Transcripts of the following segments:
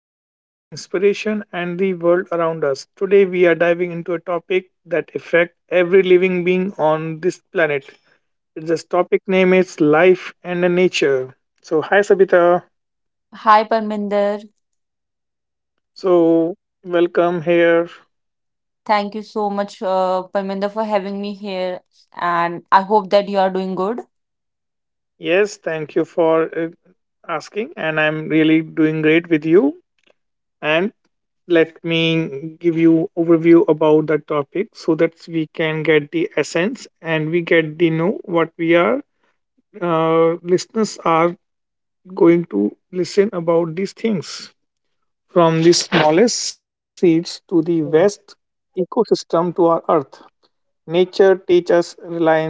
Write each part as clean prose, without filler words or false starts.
idea, inspiration, and the world around us. Today, we are diving into a topic that affects every living being on this planet. This topic name is life and nature. So, hi, Sabita. Hi, Parminder. So, welcome here. Thank you so much, Parminder, for having me here. And I hope that you are doing good. Yes, thank you for asking, and I'm really doing great with you. And let me give you overview about the topic so that we can get the essence and we get the know what we are listeners are going to listen about these things, from the smallest seeds to the vast ecosystem to our earth, nature teaches reliance,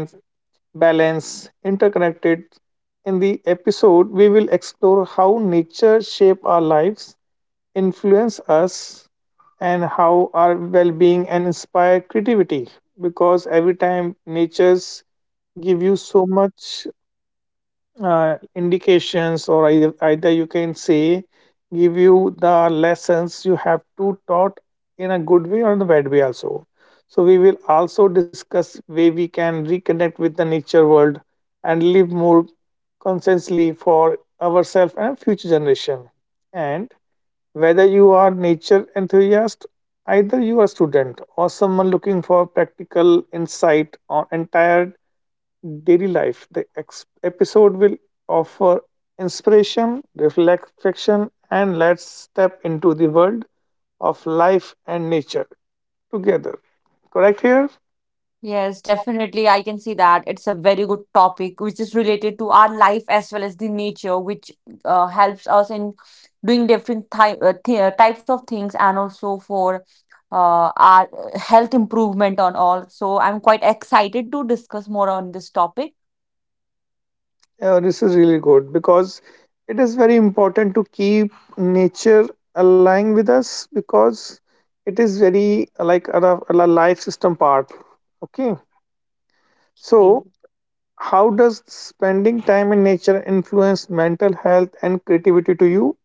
balance, interconnected. In the episode we will explore how nature shape our lives, influence us, and how our well-being and inspire creativity, because every time natures give you so much indications, or either you can say give you the lessons you have to taught in a good way or in the bad way also. So we will also discuss way we can reconnect with the nature world and live more consciously for ourselves and future generation. And whether you are nature enthusiast, either you are student or someone looking for practical insight on entire daily life, the episode will offer inspiration, reflection, and let's step into the world of life and nature together. Correct here? Yes, definitely. I can see that it's a very good topic, which is related to our life as well as the nature, which helps us in doing different types of things and also for our health improvement on all. So I'm quite excited to discuss more on this topic. Yeah, this is really good because it is very important to keep nature aligning with us because it is very like our life system part. Okay. So, how does spending time in nature influence mental health and creativity to you?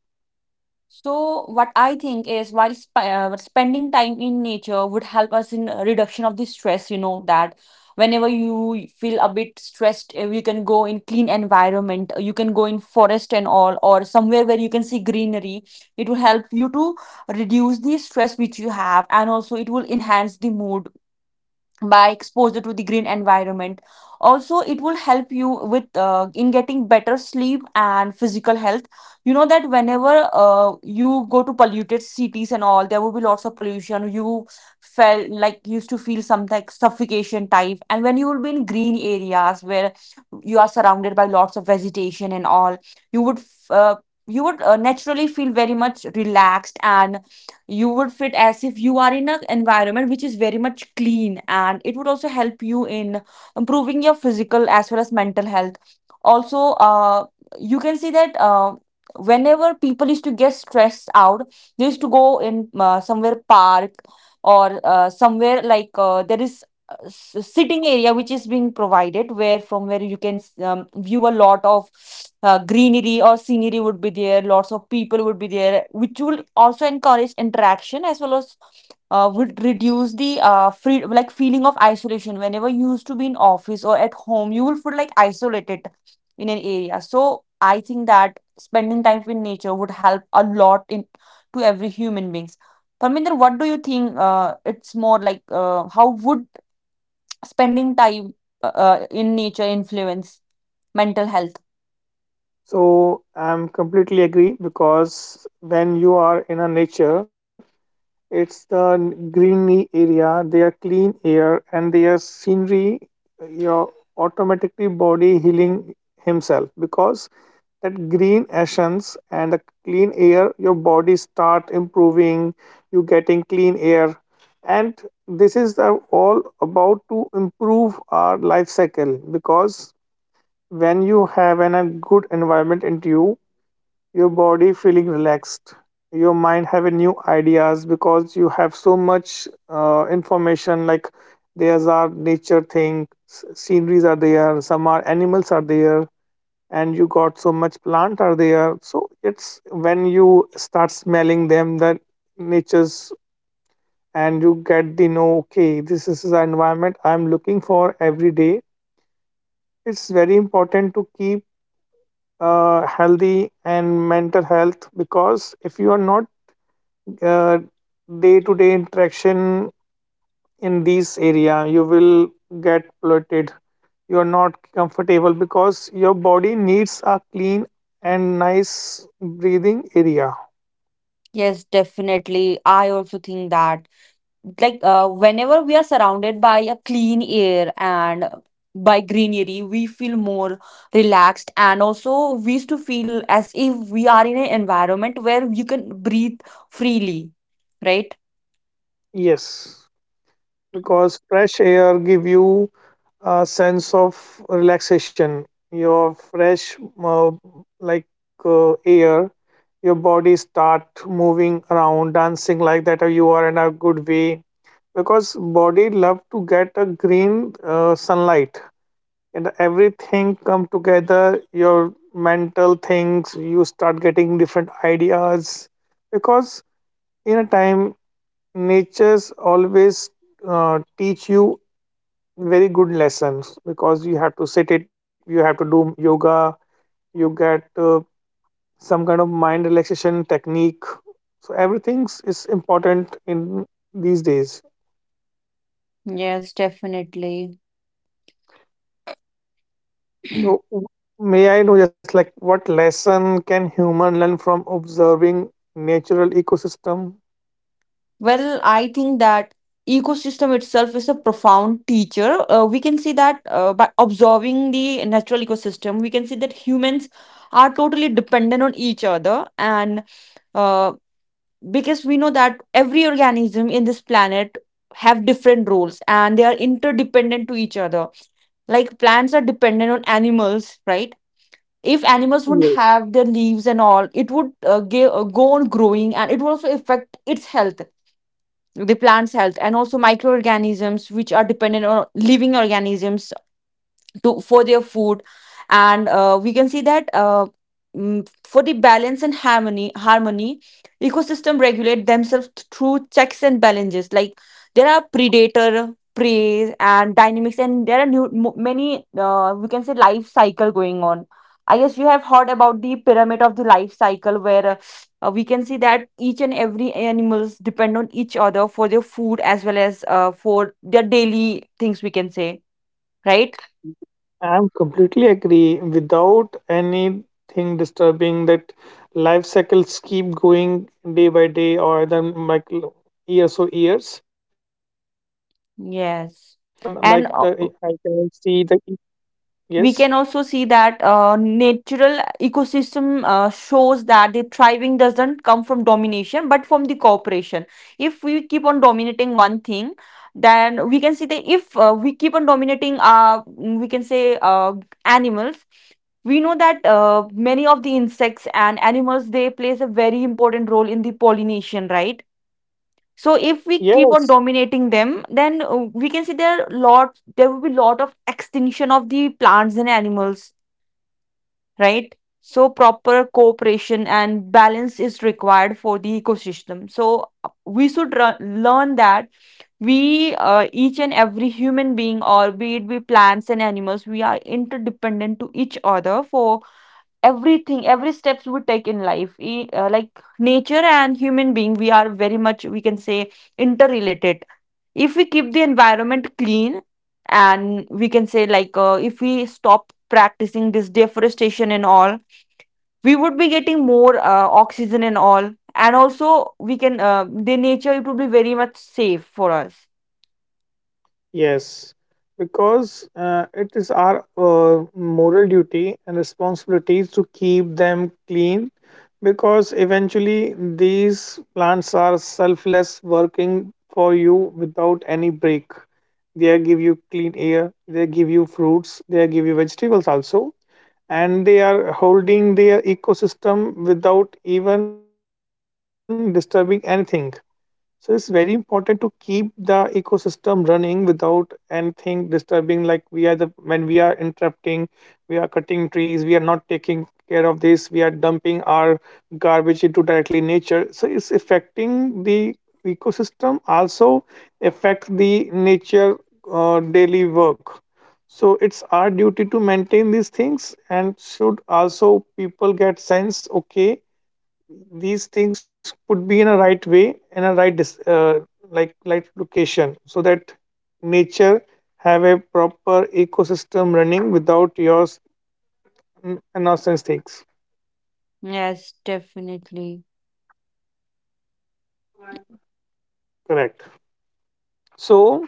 So, what I think is, while spending time in nature would help us in reduction of the stress, you know, that whenever you feel a bit stressed, you can go in clean environment, you can go in forest and all, or somewhere where you can see greenery. It will help you to reduce the stress which you have, and also it will enhance the mood by exposure to the green environment. Also, it will help you with in getting better sleep and physical health. You know that whenever you go to polluted cities and all, there will be lots of pollution. You felt like used to feel some like suffocation type, and when you will be in green areas where you are surrounded by lots of vegetation and all, you would f- uh, you would naturally feel very much relaxed, and you would fit as if you are in an environment which is very much clean, and it would also help you in improving your physical as well as mental health. Also, you can see that, whenever people used to get stressed out, they used to go in somewhere park or somewhere like, there is sitting area which is being provided, where from where you can view a lot of greenery or scenery would be there. Lots of people would be there, which will also encourage interaction, as well as would reduce the free like feeling of isolation. Whenever you used to be in office or at home, you will feel like isolated in an area. So I think that spending time with nature would help a lot in to every human beings. Parminder, what do you think? It's more like, how would spending time in nature influence mental health? So, I'm completely agree because when you are in a nature, it's the greeny area, their clean air, and their scenery. Your automatically body healing himself because that green essence and the clean air, your body start improving. You getting clean air, and this is the all about to improve our life cycle because when you have an, a good environment into you, your body feeling relaxed, your mind having new ideas because you have so much information, like there's are nature thing, sceneries are there, some are animals are there, and you got so much plant are there. So it's when you start smelling them, that nature's, and you get the know, okay, this is the environment I'm looking for every day. It's very important to keep healthy and mental health, because if you are not uh, day-to-day interaction in this area, you will get bloated, you are not comfortable because your body needs a clean and nice breathing area. Yes, definitely. I also think that, like, whenever we are surrounded by a clean air and by greenery, we feel more relaxed. And also, we used to feel as if we are in an environment where you can breathe freely, right? Yes, because fresh air give you a sense of relaxation. Your fresh uh, like air, your body start moving around dancing like that, or you are in a good way, because body love to get a green sunlight, and everything come together, your mental things, you start getting different ideas, because in a time nature's always teach you very good lessons, because you have to sit it, you have to do yoga, you get some kind of mind relaxation technique. So everything is important in these days. Yes, definitely. So may I know just like what lesson can human learn from observing natural ecosystem? Well, I think that ecosystem itself is a profound teacher. We can see that, by observing the natural ecosystem, we can see that humans are totally dependent on each other, and uh, because we know that every organism in this planet have different roles and they are interdependent to each other. Like, plants are dependent on animals, right? If animals wouldn't Yes, have their leaves and all, it would go on growing and it would also affect its health, the plant's health, and also microorganisms which are dependent on living organisms to for their food. And we can see that, for the balance and harmony, ecosystem regulate themselves through checks and balances. Like, there are predator prey and dynamics, and there are many, we can say, life cycle going on. I guess you have heard about the pyramid of the life cycle, where we can see that each and every animals depend on each other for their food as well as for their daily things, we can say, right? I'm completely agree, without anything disturbing that life cycles keep going day by day, or then like years or years, even, like the I Yes. can see And the e. Yes. we can also see that natural ecosystem shows that the thriving doesn't come from domination but from the cooperation. If we keep on dominating one thing, then we can see that if we keep on dominating, we can say, animals, we know that many of the insects and animals, they plays a very important role in the pollination, right? So if we keep Yes. on dominating them, then we can see there are lot there will be lot of extinction of the plants and animals, right? So proper cooperation and balance is required for the ecosystem. So we should learn that we each and every human being or be it be plants and animals, we are interdependent to each other for everything, every steps we take in life. Like, nature and human being, we are very much, we can say, interrelated. If we keep the environment clean, and we can say, like, if we stop practicing this deforestation and all, we would be getting more oxygen and all, and also we can, the nature, it would be very much safe for us. Yes, because it is our moral duty and responsibility to keep them clean, because eventually these plants are selfless working for you without any break. They give you clean air, they give you fruits, they give you vegetables also, and they are holding their ecosystem without even disturbing anything. So it's very important to keep the ecosystem running without anything disturbing. Like, we are the when we are interrupting, we are cutting trees, we are not taking care of this, we are dumping our garbage into directly nature. So it's affecting the ecosystem, also affect the nature daily work. So it's our duty to maintain these things, and should also people get sense. Okay, these things could be in a right way, in a right like location, so that nature have a proper ecosystem running without your n- nonsense things. Yes, definitely. Correct. So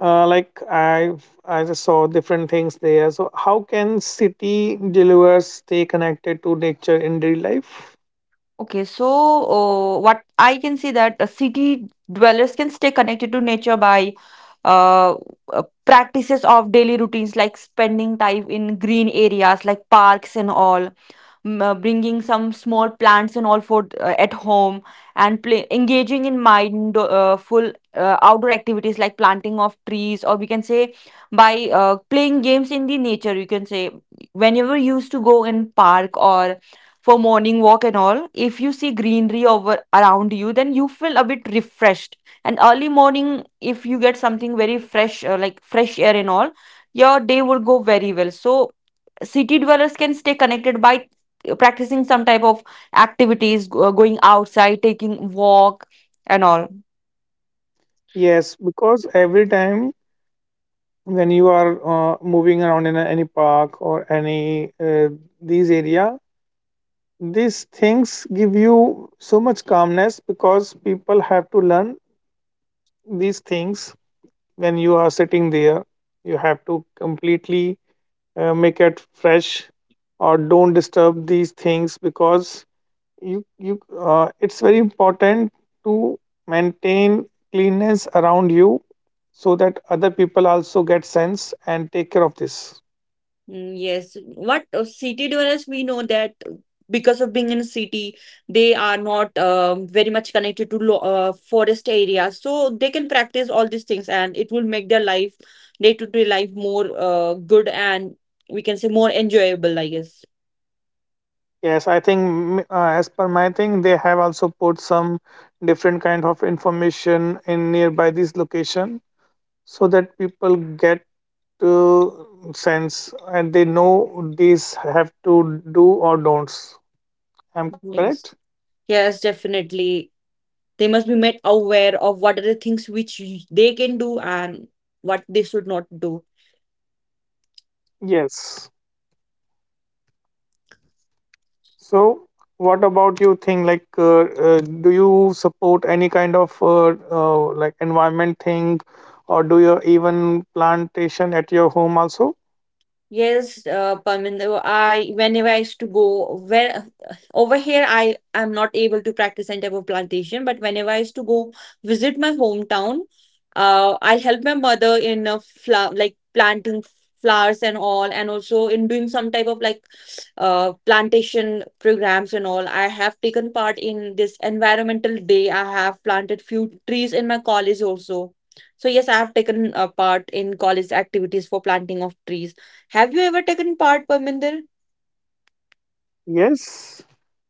like I just saw different things there. So how can city deliverers stay connected to nature in daily life? Okay, so what I can see that city dwellers can stay connected to nature by uh, practices of daily routines, like spending time in green areas like parks and all, bringing some small plants and all for at home, and play, engaging in mindful outdoor activities like planting of trees, or we can say, by playing games in the nature, you can say. Whenever you used to go in park or for morning walk and all, if you see greenery over around you, then you feel a bit refreshed. And early morning, if you get something very fresh, like fresh air and all, your day will go very well. So city dwellers can stay connected by practicing some type of activities, going outside, taking walk and all. Yes, because every time when you are moving around in any park or any uh, these area, these things give you so much calmness, because people have to learn these things. When you are sitting there, you have to completely make it fresh, or don't disturb these things, because you it's very important to maintain cleanness around you, so that other people also get sense and take care of this. Mm, yes, what city dwellers, we know that because of being in a city, they are not very much connected to lo forest areas, so they can practice all these things, and it will make their life, day-to-day life, more good and, we can say, more enjoyable, I guess. Yes, I think, mm, as per my thing, they have also put some different kind of information in nearby this location, so that people get to sense and they know these have to do or don'ts. I'm correct? Yes. Yes, definitely. They must be made aware of what are the things which they can do and what they should not do. Yes. So, what about you think, like do you support any kind of like environment thing, or do you even plantation at your home also? Yes, Parminder, I whenever I used to go where over here I am not able to practice any type of plantation, but whenever I used to go visit my hometown, I'll help my mother in a flower like planting flowers and all, and also in doing some type of like plantation programs and all. I have taken part in this environmental day. I have planted few trees in my college also. So yes, I have taken a part in college activities for planting of trees. Have you ever taken part, Parminder? Yes,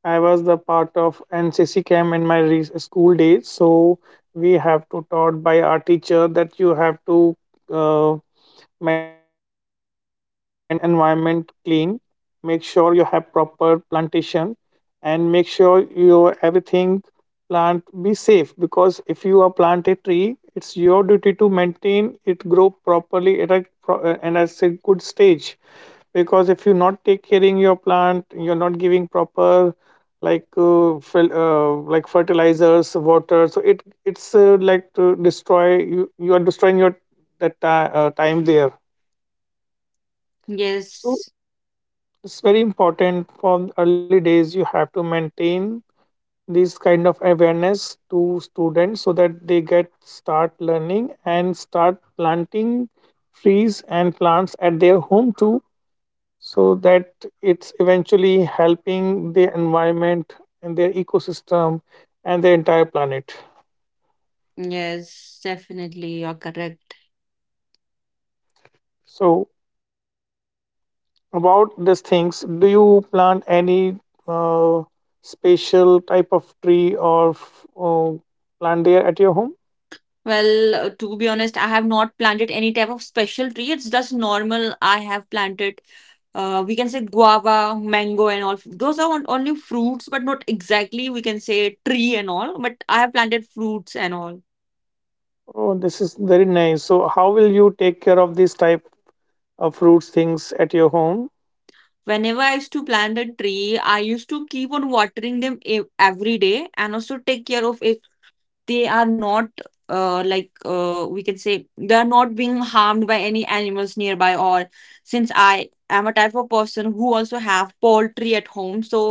I was the part of NCC camp in my school days. So we have to taught by our teacher that you have to uh, maintain environment clean, make sure you have proper plantation, and make sure your everything plant be safe, because if you are plant a tree, it's your duty to maintain it grow properly at a and at a good stage, because if you're not take caring your plant, you're not giving proper, like like fertilizers, water, so it's like to destroy, you are destroying your that ti- time there. So Yes, it's very important from early days. You have to maintain this kind of awareness to students, so that they get start learning and start planting trees and plants at their home too. So that it's eventually helping the environment and their ecosystem and the entire planet. yes, definitely. You're correct. So about these things, do you plant any uh, special type of tree or plant there at your home? Well, to be honest, I have not planted any type of special tree. It's just normal. I have planted, we can say, guava, mango, and all. Those are only fruits, but not exactly, we can say, tree and all. But I have planted fruits and all. Oh, this is very nice. So how will you take care of these type of fruits things at your home? Whenever I used to plant a tree, I used to keep on watering them every day and also take care of it. They are not we can say, they are not being harmed by any animals nearby, or since I am a type of person who also have poultry at home, so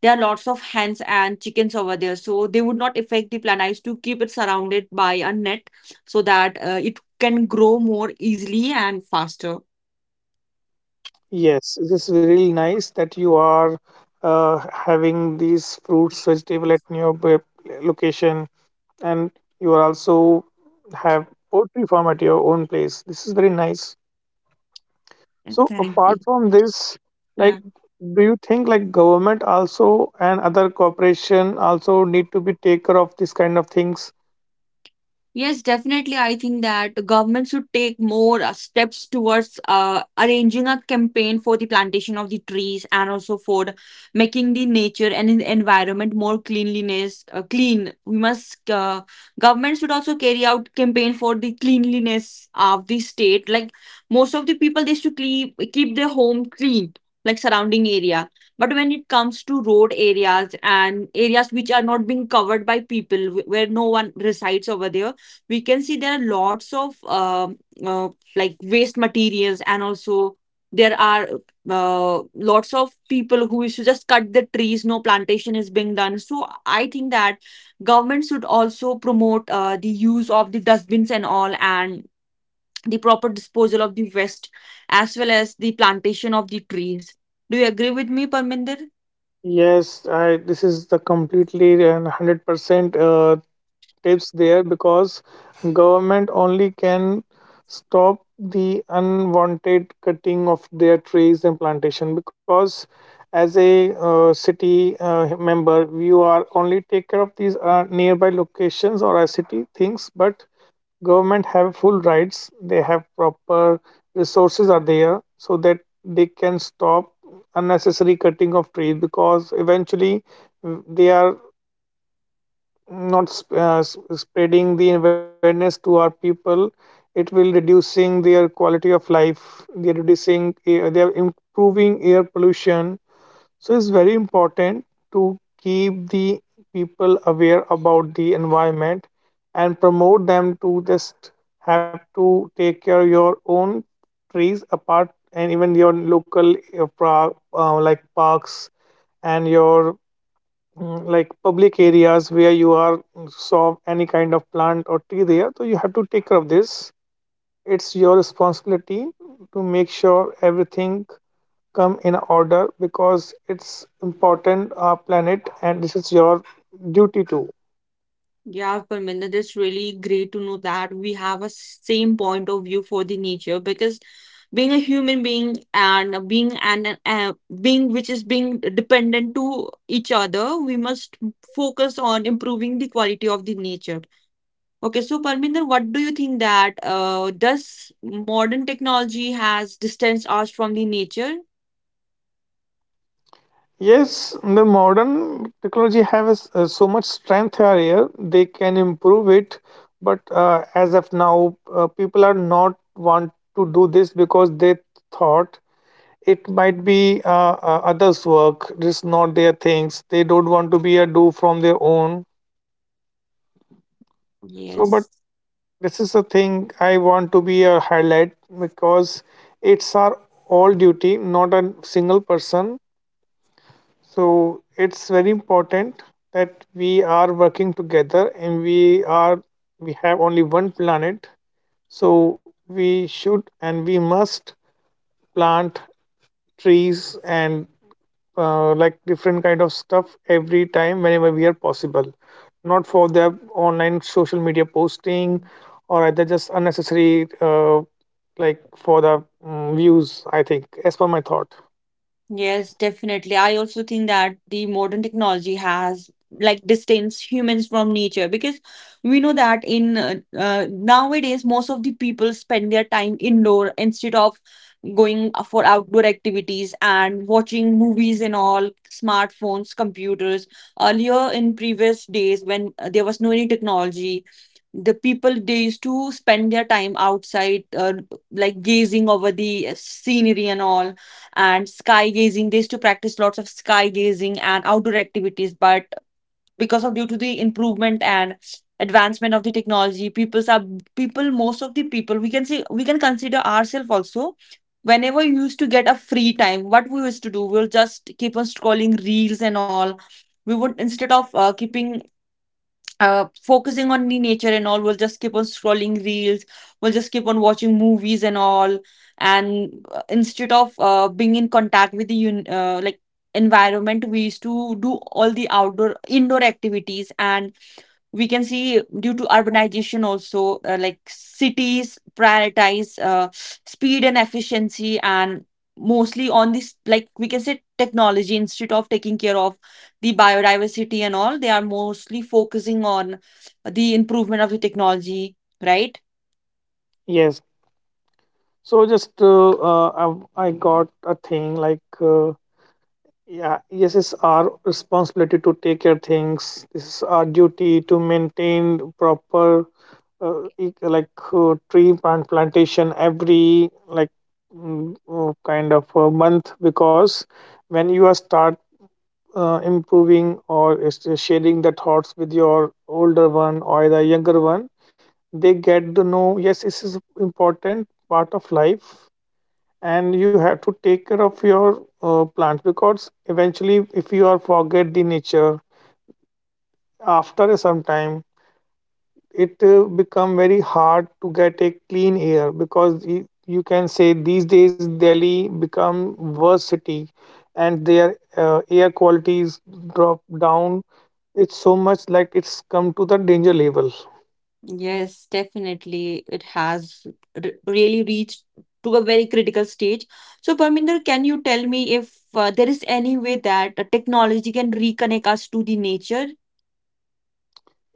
there are lots of hens and chickens over there, so they would not affect the plant. I used to keep it surrounded by a net so that it can grow more easily and faster. Yes, this is really nice that you are uh, having these fruits vegetable at your location, and you are also have poultry farm at your own place. This is very nice. So Thank apart you. from this, Yeah. like, do you think like government also and other corporation also need to be take care of this kind of things? Yes, definitely. I think that government should take more steps towards arranging a campaign for the plantation of the trees and also for making the nature and the environment more clean. We must, government should also carry out campaign for the cleanliness of the state. Like, most of the people, they used to keep their home clean, like surrounding area. But when it comes to road areas and areas which are not being covered by people, where no one resides over there, we can see there are lots of uh, like waste materials, and also there are lots of people who used to just cut the trees, no plantation is being done. So I think that government should also promote the use of the dustbins and all, and the proper disposal of the waste, as well as the plantation of the trees. Do you agree with me, Parminder? Yes, I this is the completely and 100% tips there, because government only can stop the unwanted cutting of their trees and plantation, because as a city member, you are only take care of these nearby locations or a city things, but government have full rights, they have proper resources are there, so that they can stop unnecessary cutting of trees, because eventually, mm, they are not spreading the awareness to our people. It will reducing their quality of life, they are reducing air, they are improving air pollution. So it's very important to keep the people aware about the environment, and promote them to just have to take care of your own trees apart, and even your local like parks, and your, mm, like public areas, where you are, mm, saw any kind of plant or tree there, so you have to take care of this. It's your responsibility to make sure everything come in order, because it's important our planet and this is your duty too. Yeah, Parminder, it's really great to know that we have a same point of view for the nature because being a human being and being an being which is being dependent to each other, we must focus on improving the quality of the nature. Okay, so Parminder, what do you think that does modern technology has distanced us from the nature? Yes, the modern technology has so much strength here, they can improve it, but as of now, people are not want to do this, because they thought it might be others work, this is not their things, they don't want to be a do from their own. So, but Yes. this is the thing I want to be a highlight, because it's our all duty, not a single person. So it's very important that we are working together and we have only one planet. So we should and we must plant trees and like different kind of stuff every time whenever we are possible, not for their online social media posting, or either just unnecessary like for the, mm, views, I think as per my thought. Yes, definitely. I also think that the modern technology has like distance humans from nature because we know that in nowadays most of the people spend their time indoor instead of going for outdoor activities and watching movies and all smartphones, computers. Earlier in previous days when there was no any technology, the people they used to spend their time outside like gazing over the scenery and all and sky gazing they used to practice lots of sky gazing and outdoor activities but because of due to the improvement and advancement of the technology people's are people most of the people we can see we can consider ourselves also whenever you used to get a free time what we used to do we'll just keep on scrolling reels and all we would instead of keeping focusing on the nature and all, we'll just keep on scrolling reels, we'll just keep on watching movies and all, and instead of being in contact with the like environment, we used to do all the outdoor indoor activities and we can see due to urbanization also like cities prioritize speed and efficiency and mostly on this like we can say technology instead of taking care of the biodiversity and all they are mostly focusing on the improvement of the technology, right? Yes. So just I got a thing like yeah, yes, it's our responsibility to take care things. This is our duty to maintain proper, tree plantation every like kind of a month. Because when you are start improving or is sharing the thoughts with your older one or the younger one, they get to know yes, this is important part of life. And you have to take care of your plants, because eventually if you are forget the nature, after some time it become very hard to get a clean air. Because you can say these days Delhi become worse city and their air qualities drop down. It's so much like it's come to the danger level. Yes, definitely, it has really reached to a very critical stage. So Parminder, can you tell me if there is any way that technology can reconnect us to the nature?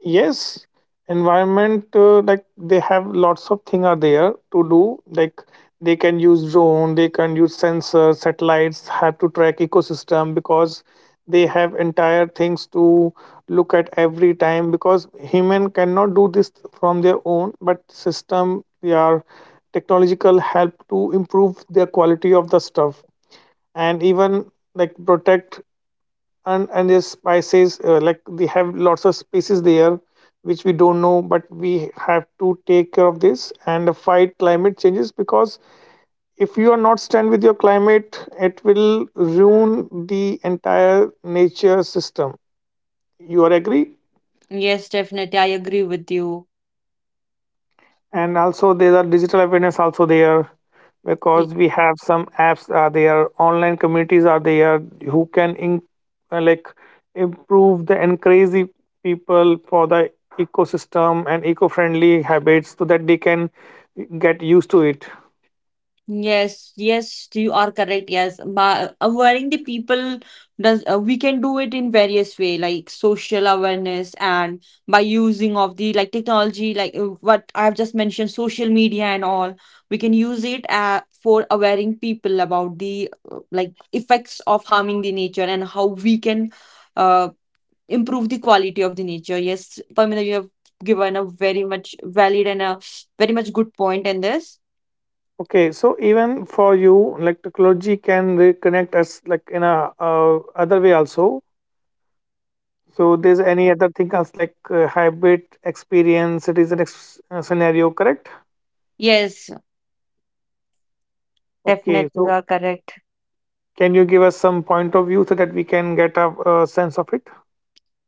Yes, environment, like they have lots of thing are there to do. Like they can use drone, they can use sensors, satellites have to track ecosystem, because they have entire things to look at every time. Because human cannot do this from their own, but system they are technological help to improve their quality of the stuff. And even like protect, and there's spices, like they have lots of species there which we don't know, but we have to take care of this and fight climate changes. Because if you are not stand with your climate it will ruin the entire nature system. You are agree? Yes, definitely. I agree with you. And also there are digital awareness also there, Y- because we have some apps are there, online communities are there who can in, uh, like improve the encourage the people for the ecosystem and eco-friendly habits so that they can get used to it. Yes, yes, you are correct. Yes, but awareing the people does we can do it in various way like social awareness and by using of the like technology like what I've just mentioned social media and all we can use it for awareing people about the like effects of harming the nature and how we can uh, improve the quality of the nature. Yes, Pamela, you have given a very much valid and a very much good point in this. Okay, so even for you, like, technology can reconnect us like in a other way also. So there's any other thing else like hybrid experience, citizen scenario, correct? Yes, Okay, definitely you so are correct. can you give us some point of view so that we can get a, sense of it?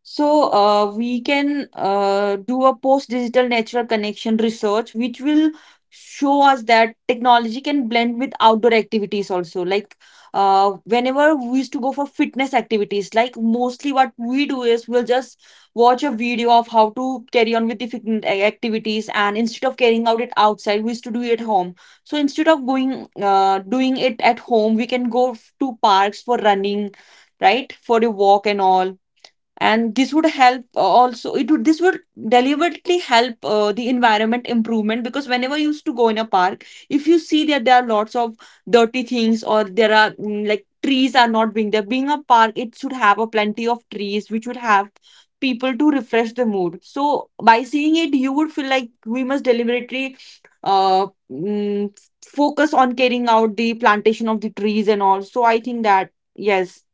So we can do a post-digital natural connection research, which will show us that technology can blend with outdoor activities also. Like whenever we used to go for fitness activities, like mostly what we do is we'll just watch a video of how to carry on with the fitness activities, and instead of carrying out it outside, we used to do it at home. So instead of going doing it at home, we can go to parks for running, right, for a walk and all, and this would help also it would this would deliberately help the environment improvement, because whenever you used to go in a park if you see that there are lots of dirty things or there are like trees are not being there, being a park it should have a plenty of trees which would have people to refresh the mood, so by seeing it you would feel like we must deliberately uh mm, focus on carrying out the plantation of the trees and all. So I think that yes,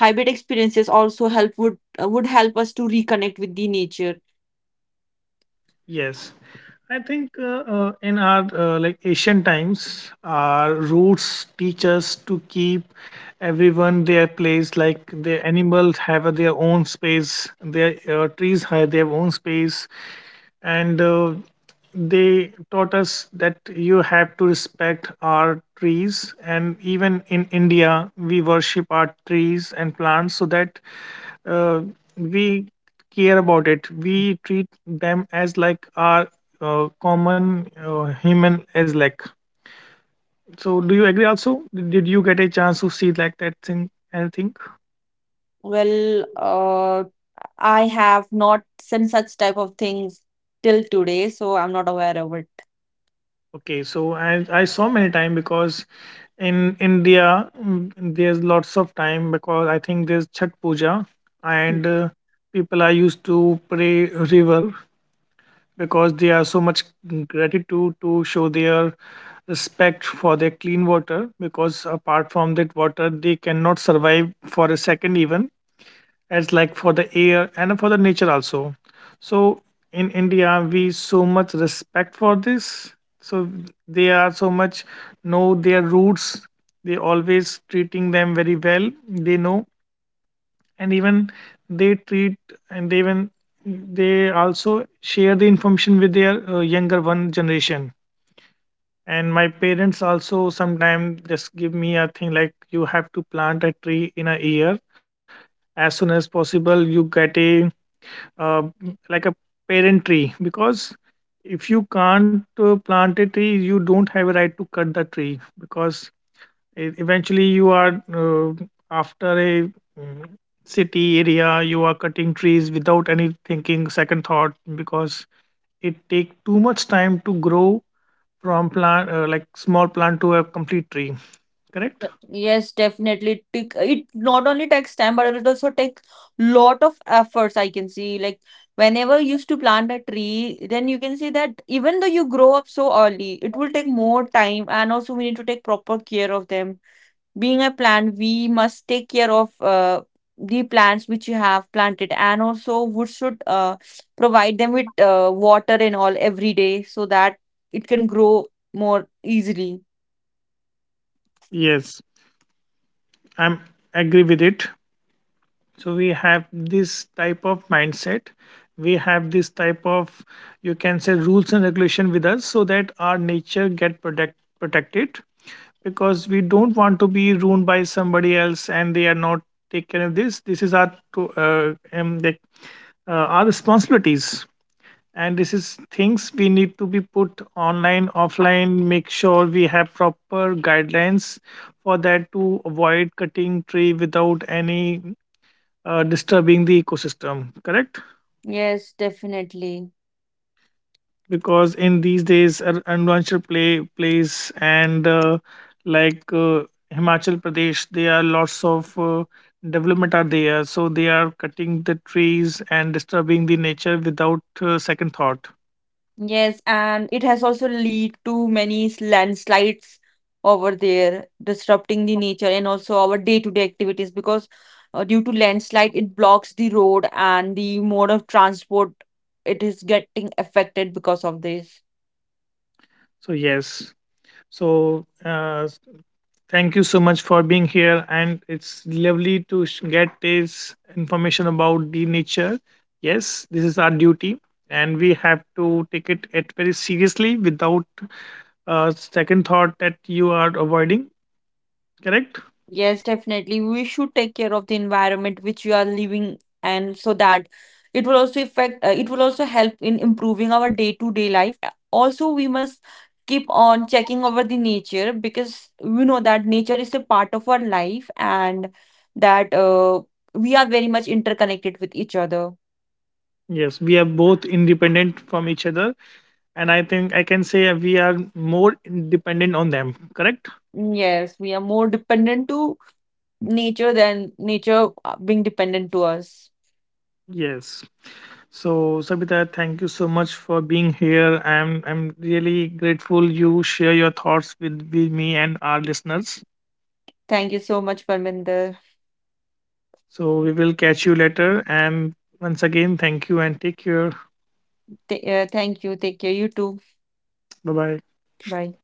hybrid experiences also help would help us to reconnect with the nature. Yes, I think in our like ancient times, our roots teach us to keep everyone their place. Like the animals have their own space, their trees have their own space, and they taught us that you have to respect our trees. And even in India, we worship our trees and plants so that uh, we care about it. We treat them as like our common human as like. So, do you agree? Also, did you get a chance to see like that thing? Anything? Well, I have not seen such type of things till today, so I'm not aware of it. Okay, so I saw many time, because in India, mm, there's lots of time because I think there's Chhat Puja and people are used to pray river, because they are so much gratitude to show their respect for their clean water. Because apart from that water they cannot survive for a second even, as like for the air and for the nature also. So in India we so much respect for this. So they are so much know their roots. They always treating them very well. They know, and even they treat, and they even they also share the information with their younger one generation. And my parents also sometimes just give me a thing like you have to plant a tree in a year, as soon as possible you get a uh, like a parent tree. Because if you can't plant a tree you don't have a right to cut the tree. Because eventually you are after a, mm, city area, you are cutting trees without any thinking second thought. Because it take too much time to grow from plant, small plant to a complete tree, correct? But yes, definitely. It not only takes time, but it also takes lot of efforts. I can see, like whenever you used to plant a tree, then you can see that even though you grow up so early, it will take more time, and also we need to take proper care of them. Being a plant we must take care of the plants which you have planted, and also we should provide them with water and all every day so that it can grow more easily. Yes, I'm agree with it. So we have this type of mindset, we have this type of, you can say, rules and regulation with us so that our nature get protected. Because we don't want to be ruined by somebody else and they are not take care of this. This is our to, um, like, our responsibilities. And this is things we need to be put online offline, make sure we have proper guidelines for that to avoid cutting tree without any disturbing the ecosystem, correct? Yes, definitely. Because in these days, everyone should play place and like uh, Himachal Pradesh there are lots of development are there, so they are cutting the trees and disturbing the nature without second thought. Yes, and it has also lead to many landslides over there, disrupting the nature and also our day-to-day activities, because due to landslide, it blocks the road and the mode of transport. It is getting affected because of this. So yes, so thank you so much for being here, and it's lovely to get this information about the nature. Yes, this is our duty and we have to take it at very seriously without second thought that you are avoiding, correct? Yes, definitely. We should take care of the environment which you are living, and so that it will also affect, it will also help in improving our day-to-day life. Also, we must keep on checking over the nature because we know that nature is a part of our life, and that we are very much interconnected with each other. Yes, we are both independent from each other, and I think I can say we are more dependent on them, correct? Mm, yes, we are more dependent to nature than nature being dependent to us. Yes. So Sabita, thank you so much for being here. I'm really grateful you share your thoughts with me and our listeners. Thank you so much, Parminder. So we will catch you later, and once again thank you and take care. Thank you. Take care. You too. Bye bye. Bye.